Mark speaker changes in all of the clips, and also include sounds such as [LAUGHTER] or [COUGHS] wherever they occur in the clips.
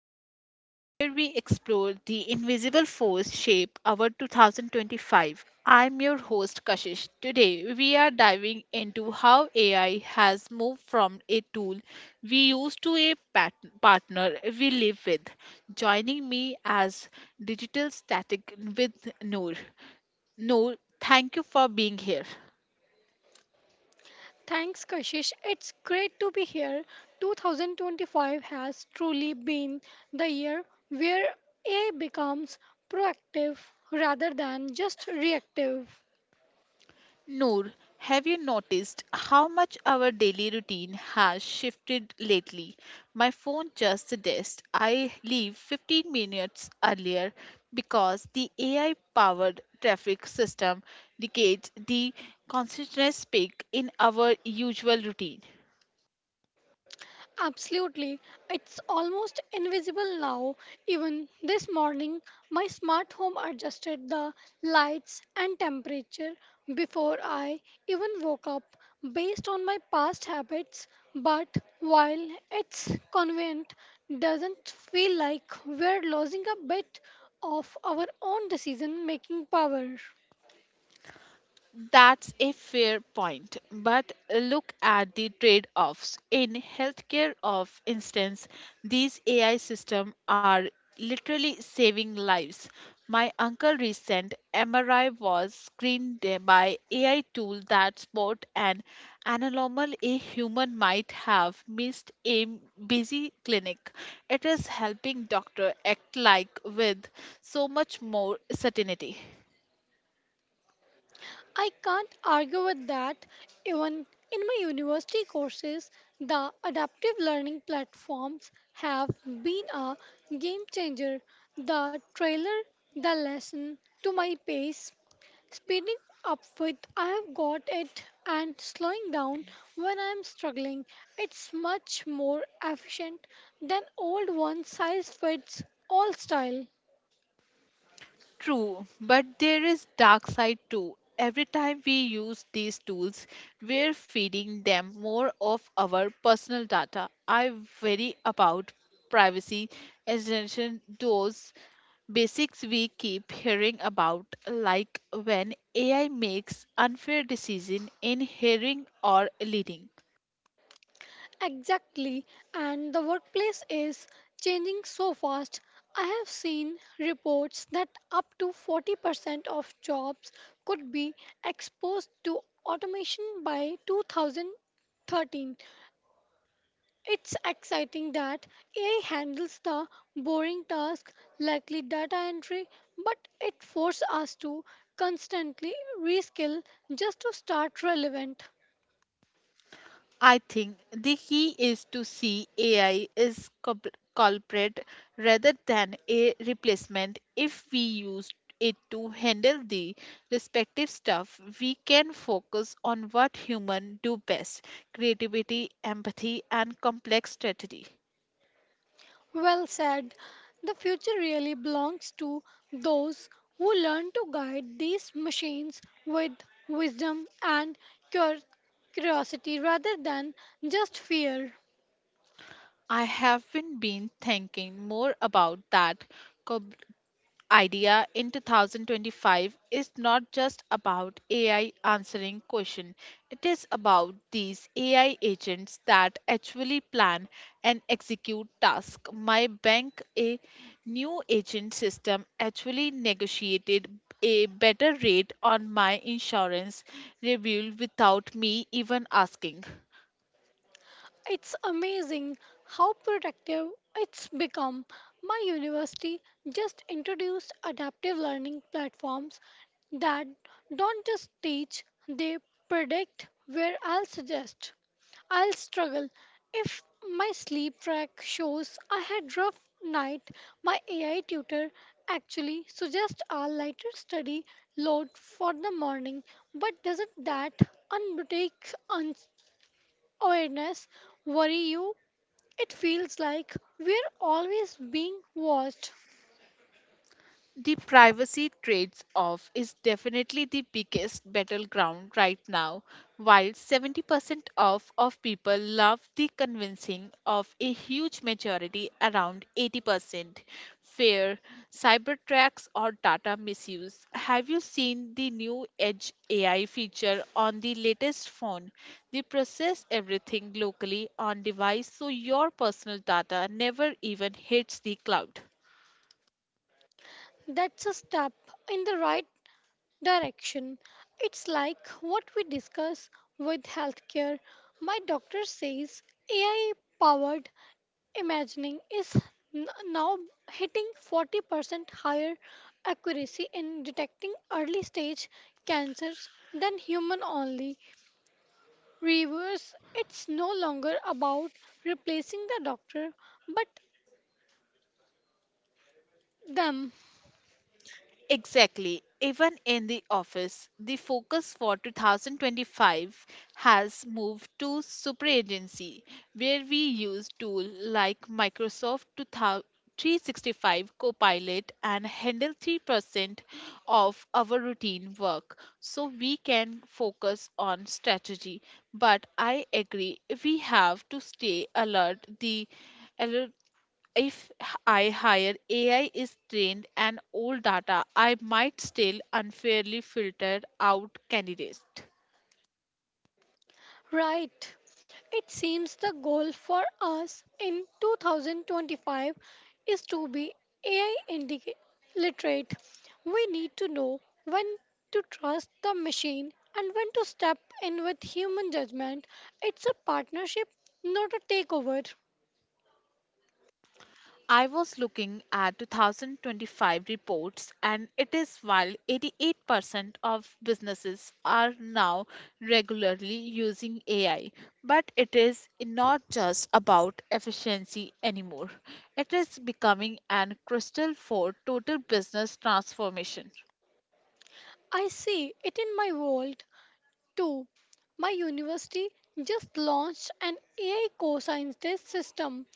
Speaker 1: agenting area where we explore the invisible force shape our 2025. I'm your host Kashish. Today we are diving into how AI has moved from a tool we use to a partner we live with. Joining me as digital static with Noor. Noor, thank you for being here.
Speaker 2: Thanks, Kashish. It's great to be here. 2025 has truly been the year where AI becomes proactive rather than just reactive.
Speaker 1: Noor, have you noticed how much our daily routine has shifted lately? My phone just suggests I leave 15 minutes earlier because the AI powered traffic system dictates the consciousness peak in our usual routine.
Speaker 2: Absolutely. It's almost invisible now. Even this morning, my smart home adjusted the lights and temperature before I even woke up based on my past habits. But while it's convenient, doesn't feel like we're losing a bit of our own decision making power.
Speaker 1: That's a fair point, but look at the trade offs. In healthcare, of instance, these AI systems are literally saving lives. My uncle recent MRI was screened there by AI tool that spot an anomaly a human might have missed a busy clinic. It is helping doctor act like with so much more certainty.
Speaker 2: I can't argue with that. Even in my university courses, the adaptive learning platforms have been a game changer. The trailer, the lesson to my pace, speeding up with I have got it and slowing down when I am struggling. It's much more efficient than old one size fits all style.
Speaker 1: True, but there is dark side too. Every time we use these tools, we're feeding them more of our personal data. I worry about privacy extension those basics we keep hearing about like when AI makes unfair decision in hearing or leading.
Speaker 2: Exactly, and the workplace is changing so fast. I have seen reports that up to 40% of jobs could be exposed to automation by 2013. It's exciting that AI handles the boring tasks likely data entry, but it forces us to constantly reskill just to start relevant.
Speaker 1: I think the key is to see AI is culprit rather than a replacement. If we use it to handle the respective stuff, we can focus on what humans do best creativity, empathy, and complex strategy.
Speaker 2: Well said. The future really belongs to those who learn to guide these machines with wisdom and cur- curiosity rather than just fear.
Speaker 1: I haven't been thinking more about that cob- idea in 2025 is not just about AI answering question. It is about these AI agents that actually plan and execute task. My bank a new agent system actually negotiated a better rate on my insurance review without me even asking.
Speaker 2: It's amazing how productive it's become. My university just introduced adaptive learning platforms that don't just teach, they predict where I'll suggest. I'll struggle. If my sleep track shows I had rough night, my AI tutor actually suggests a lighter study load for the morning. But doesn't that unboutique awareness worry you? It feels like we're always being watched.
Speaker 1: The privacy trades off is definitely the biggest battleground right now. While 70% of people love the convincing of a huge majority, around 80%, fear cyber tracks or data misuse. Have you seen the new Edge AI feature on the latest phone? They process everything locally on device so your personal data never even hits the cloud.
Speaker 2: That's a step in the right direction. It's like what we discuss with healthcare. My doctor says AI powered imagining is now hitting 40% higher accuracy in detecting early stage cancers than human only Reverse, it's no longer about replacing the doctor, but them,
Speaker 1: Exactly. Even in the office, the focus for 2025 has moved to super agency, where we use tools like Microsoft 2000 Copilot and handle 3% of our routine work so we can focus on strategy. But I agree, we have to stay alert the if I hire AI is trained and old data, I might still unfairly filter out candidates.
Speaker 2: right? It seems the goal for us in 2025 is to be AI literate. We need to know when to trust the machine and when to step in with human judgment. It's a partnership, not a takeover.
Speaker 1: I was looking at 2025 reports, and it is while 88% of businesses are now regularly using AI, but it is not just about efficiency anymore. It is becoming an crystal for total business transformation.
Speaker 2: I see it in my world. Two, my university just launched an AI cosine test system.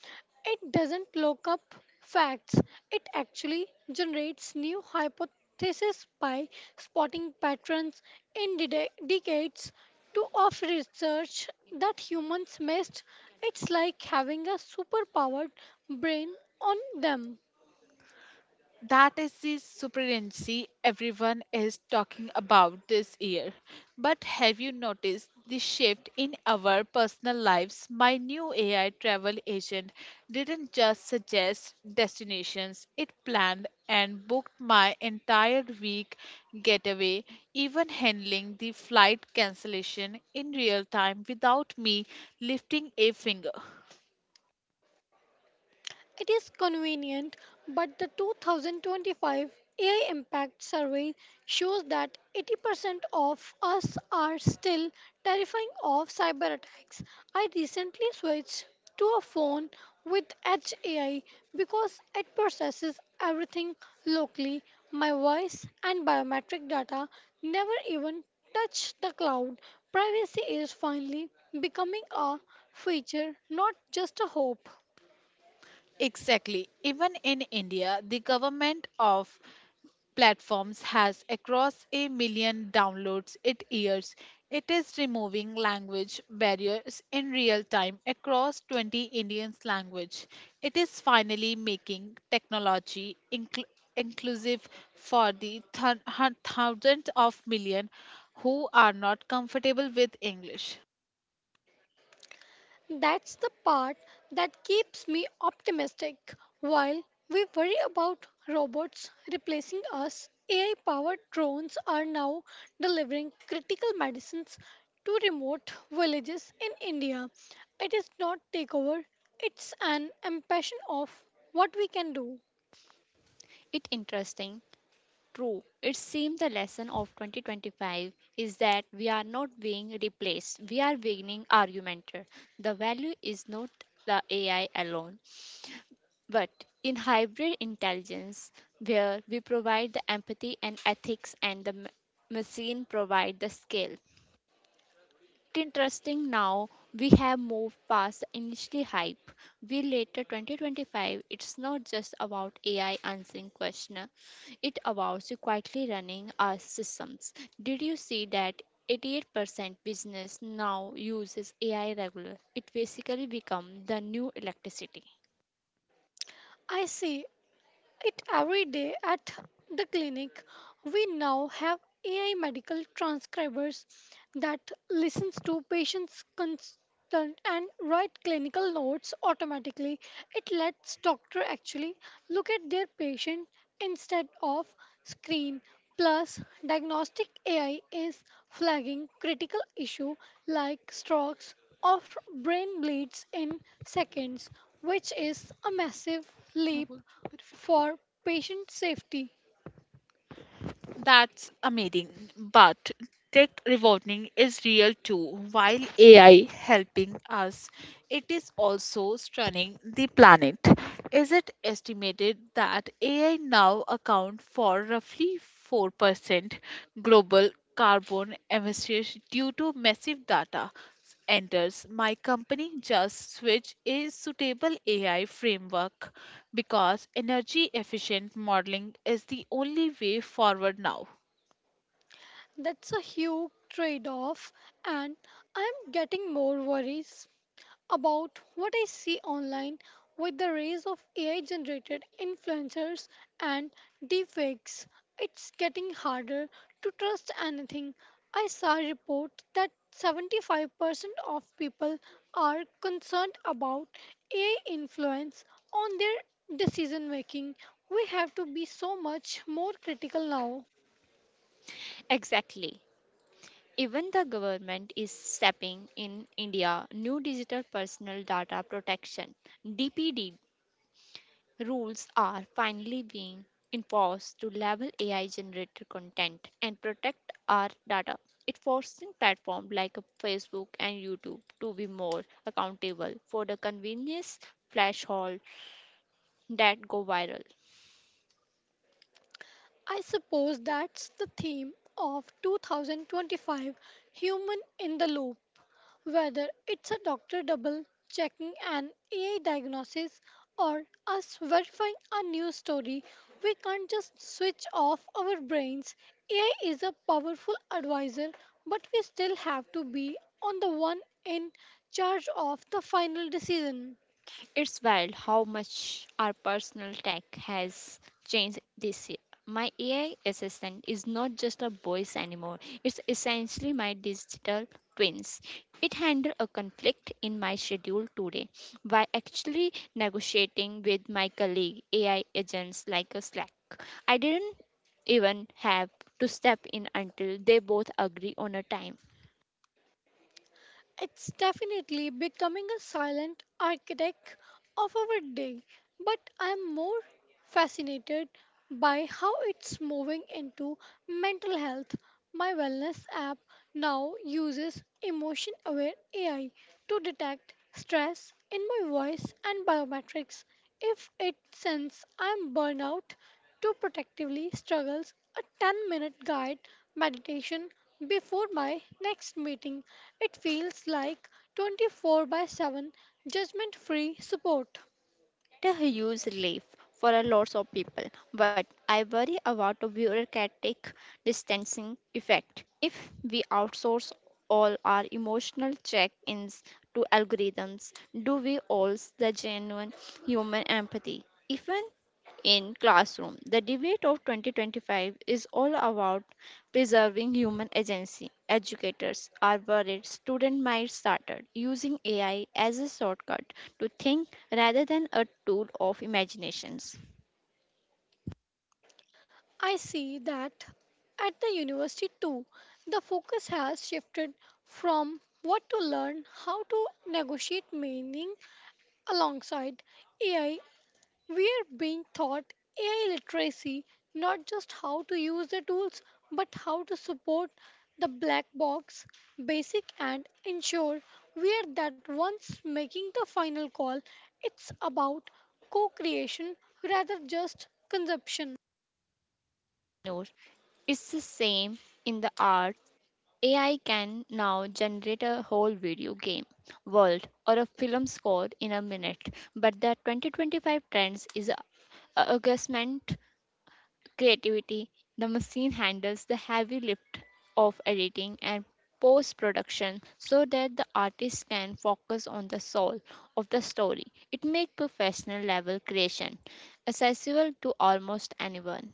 Speaker 2: It doesn't look up facts, it actually generates new hypotheses by spotting patterns in decades to of research that humans missed. It's like having a superpowered brain on them.
Speaker 1: That is the superintendency everyone is talking about this year. But have you noticed the shift in our personal lives? My new AI travel agent didn't just suggest destinations, it planned and booked my entire week getaway, even handling the flight cancellation in real time without me lifting a finger.
Speaker 2: It is convenient, but the 2025 AI Impact Survey shows that 80% of us are still terrifying of cyber attacks. I recently switched to a phone with Edge AI because it processes everything locally, my voice and biometric data never even touch the cloud. Privacy is finally becoming a feature, not just a hope.
Speaker 1: Exactly. Even in India, the government of platforms has across a million downloads it years. It is removing language barriers in real time across 20 Indian language. It is finally making technology inclusive for the thousands of million who are not comfortable with English.
Speaker 2: That's the part that keeps me optimistic. While we worry about robots replacing us, AI powered drones are now delivering critical medicines to remote villages in India. It is not takeover, it's an impression of what we can do.
Speaker 1: It interesting True. It seems the lesson of 2025 is that we are not being replaced, we are being augmented. The value is not the AI alone, but in hybrid intelligence, where we provide the empathy and ethics and the machine provide the skill interesting now we have moved past the initial hype. We later 2025, it's not just about AI answering question, it about you quietly running our systems. Did you see that 88% business now uses AI regular? It basically become the new electricity.
Speaker 2: I say it every day at the clinic. We now have AI medical transcribers that listens to patients' constant and write clinical notes automatically. It lets doctor actually look at their patient instead of screen. Plus, diagnostic AI is flagging critical issue like strokes or brain bleeds in seconds, which is a massive
Speaker 1: मैं
Speaker 2: leap
Speaker 1: बोल रही हूँ, फिर fit.
Speaker 2: for patient safety.
Speaker 1: That's amazing. But tech rewarding is real too. While AI helping us, it is also stunning the planet. Is it estimated that AI now account for roughly 4% global carbon emissions due to massive data enters, my company just switch is suitable AI framework because energy efficient modeling is the only way forward now.
Speaker 2: That's a huge trade off, and I'm getting more worries about what I see online with the rise of AI generated influencers and deepfakes. It's getting harder to trust anything. I saw a report that 75% of people are concerned about AI influence on their decision making. We have to be so much more critical now.
Speaker 1: Exactly. Even the government is stepping in India new digital personal data protection DPD Rules are finally being enforced to level AI generated content and protect our data. It's forcing platforms like Facebook and YouTube to be more accountable for the convenience flash haul that go viral.
Speaker 2: I suppose that's the theme of 2025, human in the loop. Whether it's a doctor double checking an AI diagnosis or us verifying a news story, we can't just switch off our brains. AI is a powerful advisor, but we still have to be on the one in charge of the final decision.
Speaker 1: It's wild how much our personal tech has changed this year. My AI assistant is not just a voice anymore. It's essentially my digital twins. It handled a conflict in my schedule today by actually negotiating with my colleague AI agents like a Slack. I didn't even have to step in until they both agree on a time.
Speaker 2: It's definitely becoming a silent architect of our day, but I'm more fascinated by how it's moving into mental health. My wellness app now uses emotion aware AI to detect stress in my voice and biometrics if it senses I'm burnout to protectively struggles a 10-minute guide meditation before my next meeting. It feels like 24 by 7 judgment free support.
Speaker 1: A huge relief for a lots of people, but I worry about the bureaucratic distancing effect. If we outsource all our emotional check-ins to algorithms, do we lose the genuine human empathy? Even in classroom, the debate of 2025 is all about preserving human agency. Educators are worried students might start using AI as a shortcut to think rather than a tool of imaginations.
Speaker 2: I see that at the university too, the focus has shifted from what to learn, how to negotiate meaning alongside AI. We are being taught AI literacy, not just how to use the tools, but how to support the black box basic and ensure we are that once making the final call. It's about co creation rather just consumption.
Speaker 1: No, it's the same in the arts. AI can now generate a whole video game world or a film score in a minute, but the 2025 trends is a augment creativity, the machine handles the heavy lift of editing and post production so that the artist can focus on the soul of the story. It makes professional level creation accessible to almost anyone.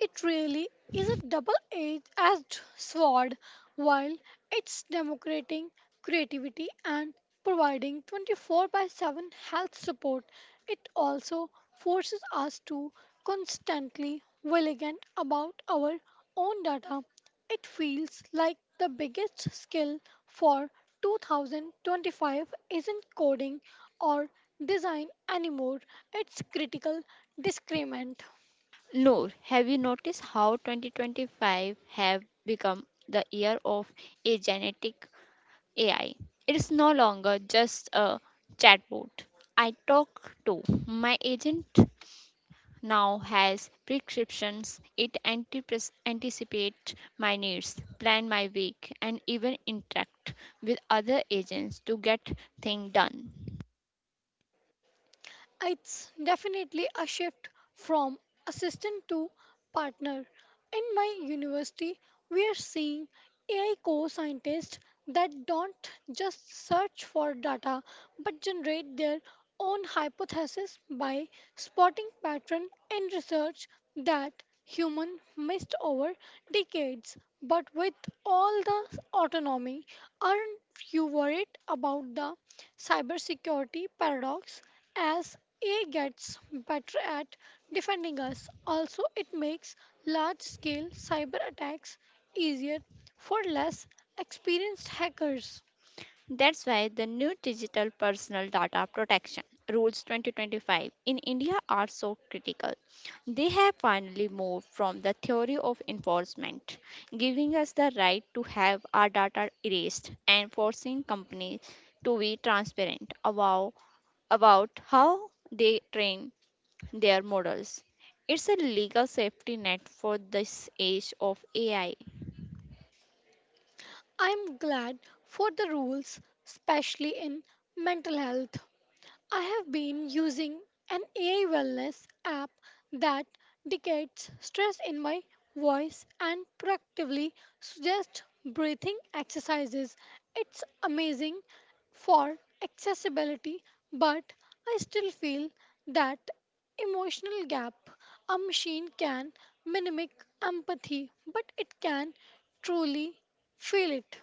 Speaker 2: It really is a double-edged sword while it's democrating creativity and providing 24 by 7 health support. It also forces us to constantly vigilant about our own data. It feels like the biggest skill for 2025 isn't coding or design anymore, it's critical discernment.
Speaker 1: Noor, have you noticed how 2025 have become the year of a genetic AI? It is no longer just a chatbot. I talk to my agent now has prescriptions. It anticipates my needs, plan my week, and even interact with other agents to get things done.
Speaker 2: It's definitely a shift from assistant to partner. In my university, we are seeing AI co scientists that don't just search for data but generate their own hypothesis by spotting pattern in research that human missed over decades, but with all the autonomy aren't you worried about the cybersecurity paradox as AI gets better at defending us. Also, it makes large scale cyber attacks easier for less experienced hackers.
Speaker 1: That's why the new digital personal data protection rules 2025 in India are so critical. They have finally moved from the theory of enforcement, giving us the right to have our data erased and forcing companies to be transparent about how they train their models. It's a legal safety net for this age of AI.
Speaker 2: I'm glad for the rules, especially in mental health. I have been using an AI wellness app that detects stress in my voice and proactively suggests breathing exercises. It's amazing for accessibility, but I still feel that emotional gap. A machine can mimic empathy, but it can truly feel it.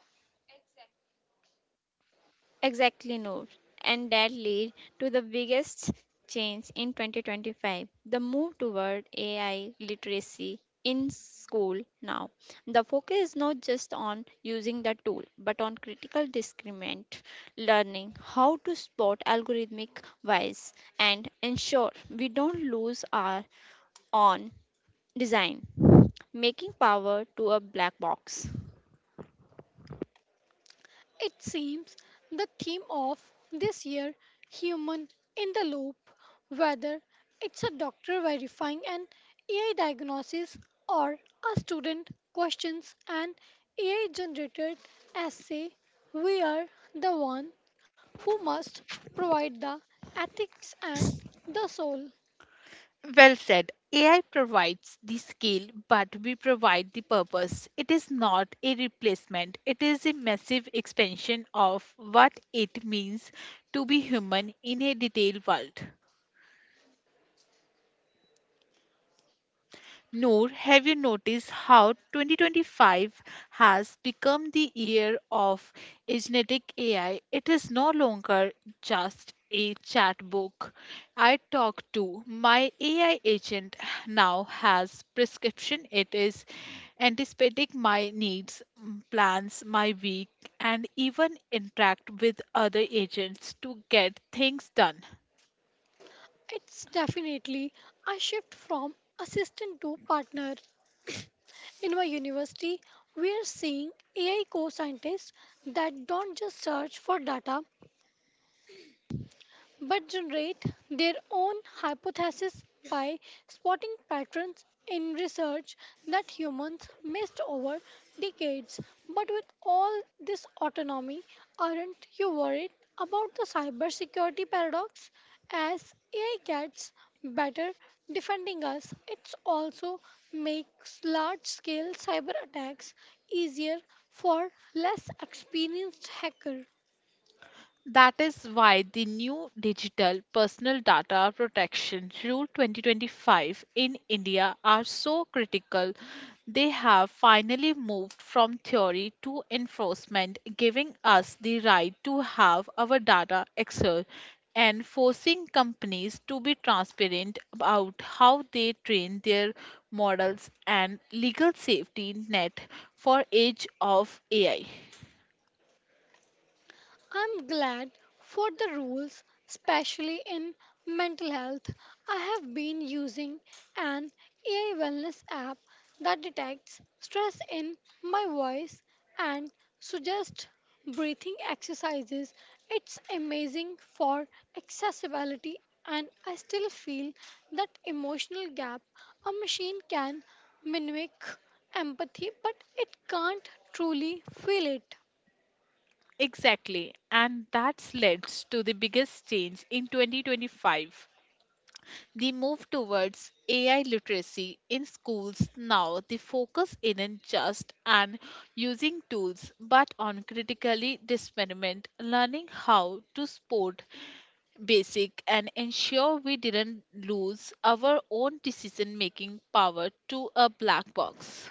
Speaker 1: Exactly, Noor. And that lead to the biggest change in 2025, the move toward AI literacy in school now. The focus is not just on using the tool, but on critical discriminant learning, how to spot algorithmic bias, and ensure we don't lose our on design, making power to a black box.
Speaker 2: It seems the theme of this year, human in the loop, whether it's a doctor verifying an AI diagnosis or a student questions an AI generated essay, we are the one who must provide the ethics and the soul.
Speaker 1: Well said. AI provides the skill, but we provide the purpose. It is not a replacement, it is a massive expansion of what it means to be human in a detailed world. Noor, have you noticed how 2025 has become the year of a genetic AI? It is no longer just a chat book. I talk to my AI agent now has prescription. It is anticipating my needs, plans my week, and even interact with other agents to get things done.
Speaker 2: It's definitely a shift from assistant to partner. [CLEARS THROAT] [COUGHS] In my university, we are seeing AI co scientists that don't just search for data, but generate their own hypotheses by spotting patterns in research that humans missed over decades. But with all this autonomy, aren't you worried about the cybersecurity paradox? As AI gets better defending us, it also makes large scale cyber attacks easier for less experienced hackers.
Speaker 1: That is why the new Digital Personal Data Protection Rule 2025 in India are so critical. They have finally moved from theory to enforcement, giving us the right to have our data accessed and forcing companies to be transparent about how they train their models and legal safety net for age of AI.
Speaker 2: I'm glad for the rules, especially in mental health. I have been using an AI wellness app that detects stress in my voice and suggests breathing exercises. It's amazing for accessibility, and I still feel that emotional gap. A machine can mimic empathy, but it can't truly feel it.
Speaker 1: Exactly, and that's led to the biggest change in 2025. The move towards AI literacy in schools now the focus isn't just on using tools but on critically discernment, learning how to spot basic and ensure we didn't lose our own decision making power to a black box.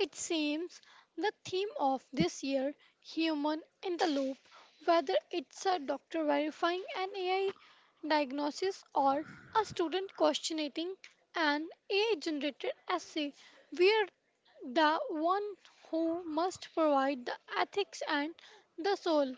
Speaker 2: It seems the theme of this year, human in the loop, whether it's a doctor verifying an AI diagnosis or a student questioning an AI generated essay, we're the one who must provide the ethics and the soul.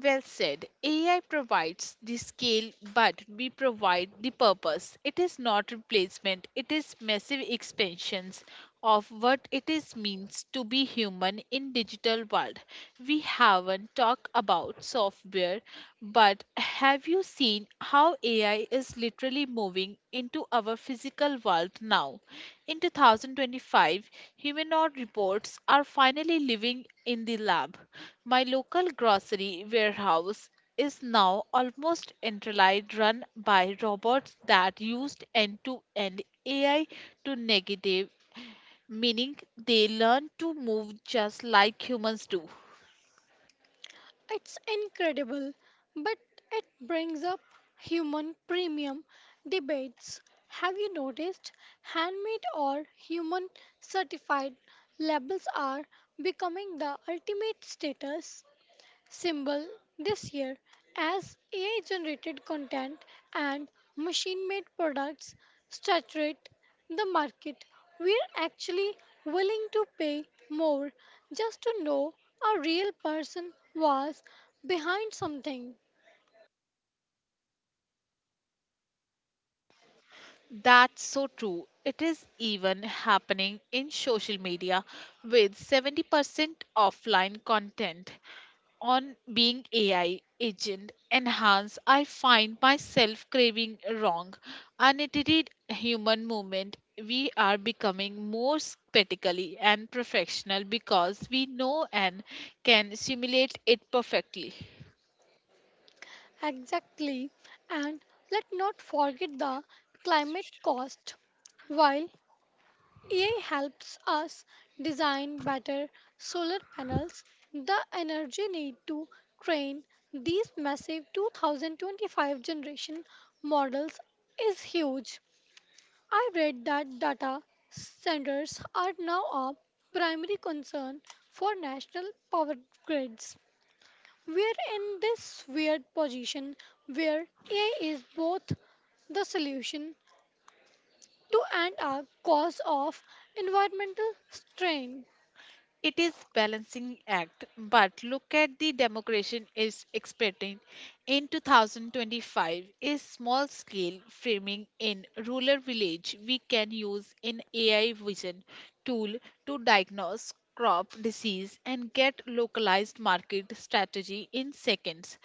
Speaker 1: Well said. AI provides the scale, but we provide the purpose. It is not replacement, it is massive expansions of what it is means to be human in digital world. We haven't talked about software, but have you seen how AI is literally moving into our physical world now. In 2025, humanoid robots are finally living in the lab. My local grocery warehouse is now almost entirely run by robots that used end-to-end AI to negative meaning they learn to move just like humans do.
Speaker 2: It's incredible, but it brings up human premium debates. Have you noticed handmade or human certified labels are becoming the ultimate status symbol this year as AI generated content and machine made products saturate the market? We're actually willing to pay more just to know a real person was behind something.
Speaker 1: That's so true. It is even happening in social media with 70% offline content on being AI agent enhanced. I find myself craving wrong, unedited human movement. We are becoming more spectacularly and professional because we know and can simulate it perfectly.
Speaker 2: Exactly. And let not forget the climate cost. While AI helps us design better solar panels. The energy need to train these massive 2025 generation models is huge. I read that data centers are now a primary concern for national power grids. We're in this weird position where AI is both the solution to and a cause of environmental strain.
Speaker 1: It is balancing act, but look at the democration is expected in 2025 is small scale framing in rural village we can use in AI vision tool to diagnose crop disease and get localized market strategy in seconds.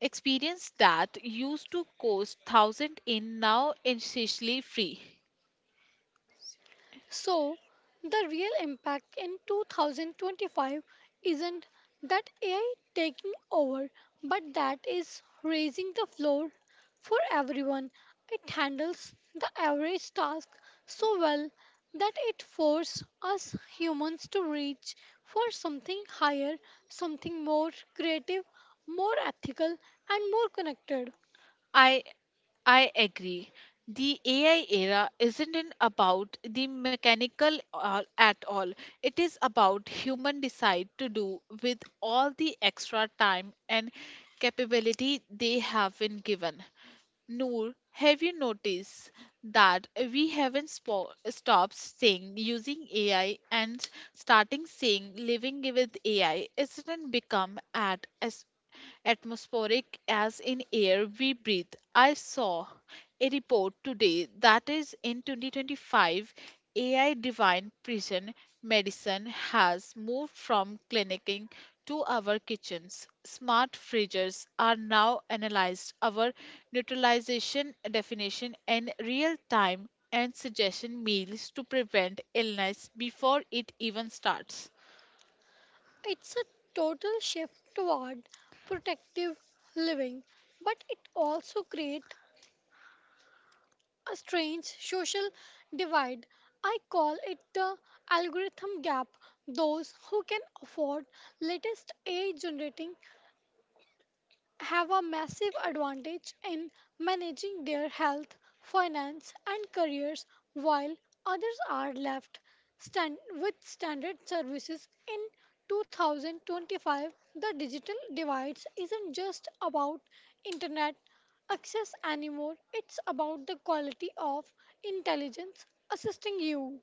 Speaker 1: Experience that used to cost thousand in now essentially free.
Speaker 2: So, the real impact in 2025 isn't that AI taking over, but that is raising the floor for everyone. It handles the average task so well that it forces us humans to reach for something higher, something more creative, more ethical, and more connected.
Speaker 1: I I agree. The AI era isn't in about the mechanical at all. It is about human decide to do with all the extra time and capability they have been given. Noor, have you noticed that we haven't stopped saying using AI and starting saying living with AI? Isn't it become at as atmospheric as in air we breathe? I saw a report today that is in 2025, AI Divine Precision Medicine has moved from clinicing to our kitchens. Smart fridges are now analyzed our neutralization definition in real time and suggestion meals to prevent illness before it even starts.
Speaker 2: It's a total shift toward protective living, but it also creates a strange social divide. I call it the algorithm gap. Those who can afford latest AI generating have a massive advantage in managing their health, finance, and careers, while others are left stand with standard services. In 2025, the digital divide isn't just about internet access anymore, it's about the quality of intelligence assisting you.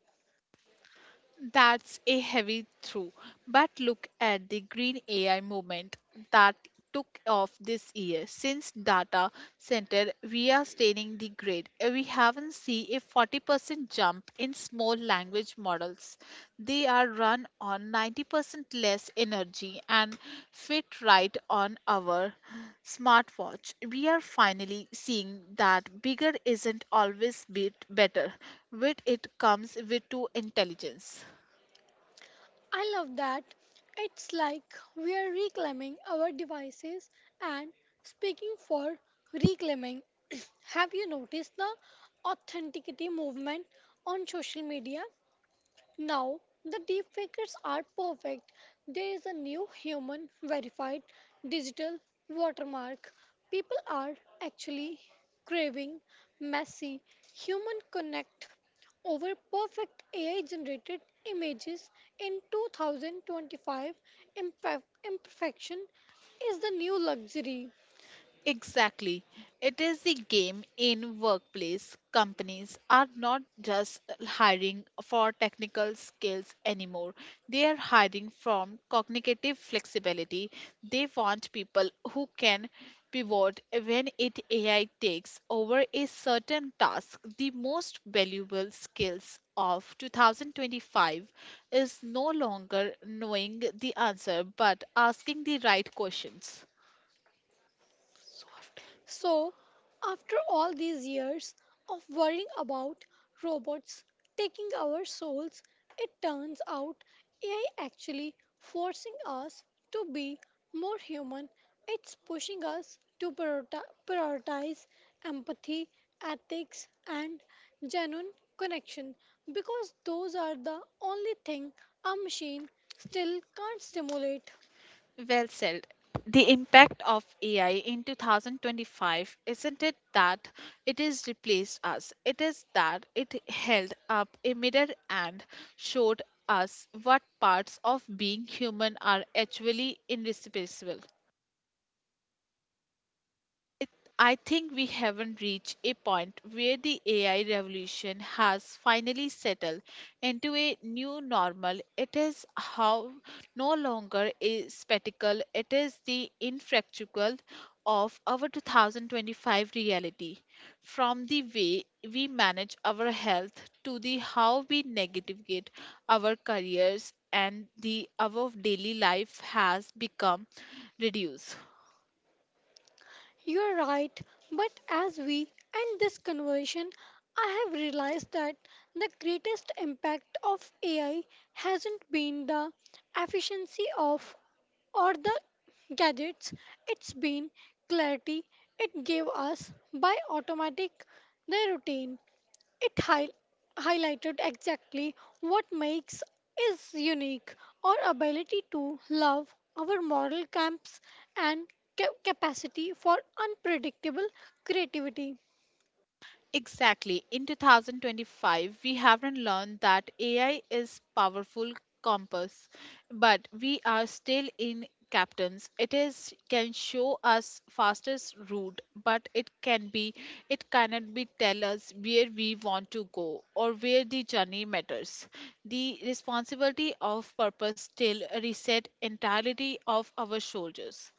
Speaker 1: That's a heavy through. But look at the green AI movement that took off this year. Since data center, we are staining the grid. We haven't seen a 40% jump in small language models. They are run on 90% less energy and fit right on our smartwatch. We are finally seeing that bigger isn't always bit better. With it comes with two intelligence.
Speaker 2: I love that. It's like we are reclaiming our devices and speaking for reclaiming. [CLEARS THROAT] Have you noticed the authenticity movement on social media? Now, the deepfakers are perfect. There is a new human verified digital watermark. People are actually craving messy human connect over perfect AI generated images in 2025. Imperfection is the new luxury.
Speaker 1: Exactly. It is the game in workplace. Companies are not just hiring for technical skills anymore. They are hiring from cognitive flexibility. They want people who can pivot when it AI takes over a certain task. The most valuable skills of 2025 is no longer knowing the answer but asking the right questions. So after-
Speaker 2: So, after all these years of worrying about robots taking our souls, it turns out AI actually forcing us to be more human. It's pushing us to prioritize empathy, ethics, and genuine connection because those are the only thing a machine still can't stimulate.
Speaker 1: Well said. The impact of AI in 2025 isn't it that it has replaced us, it is that it held up a mirror and showed us what parts of being human are actually irreplaceable. It, I think we haven't reached a point where the AI revolution has finally settled into a new normal. It is how no longer a spectacle, it is the infractual of our 2025 reality. From the way we manage our health to the how we navigate our careers and the our daily life has become reduced.
Speaker 2: You're right, but as we end this conversation, I have realized that the greatest impact of AI hasn't been the efficiency of or the gadgets, it's been clarity it gave us by automatic the routine. It highlighted exactly what makes is unique our ability to love our moral camps and capacity for unpredictable creativity.
Speaker 1: Exactly. In 2025, we haven't learned that AI is powerful compass, but we are still in captains. It is can show us fastest route, but it cannot be tell us where we want to go or where the journey matters. The responsibility of purpose still reset entirety of our shoulders.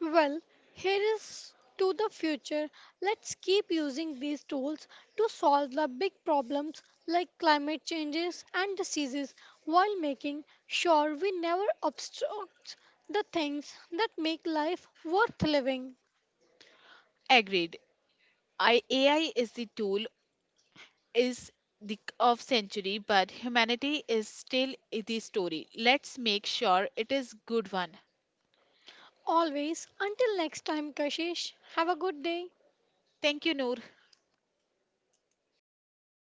Speaker 2: Well, here is to the future. Let's keep using these tools to solve the big problems like climate changes and diseases while making sure we never obstruct the things that make life worth living.
Speaker 1: Agreed. I, AI is the tool is the of century but humanity is still the story. Let's make sure it is good one.
Speaker 2: Always. Until next time, Kashish, have a good day.
Speaker 1: Thank you, Noor.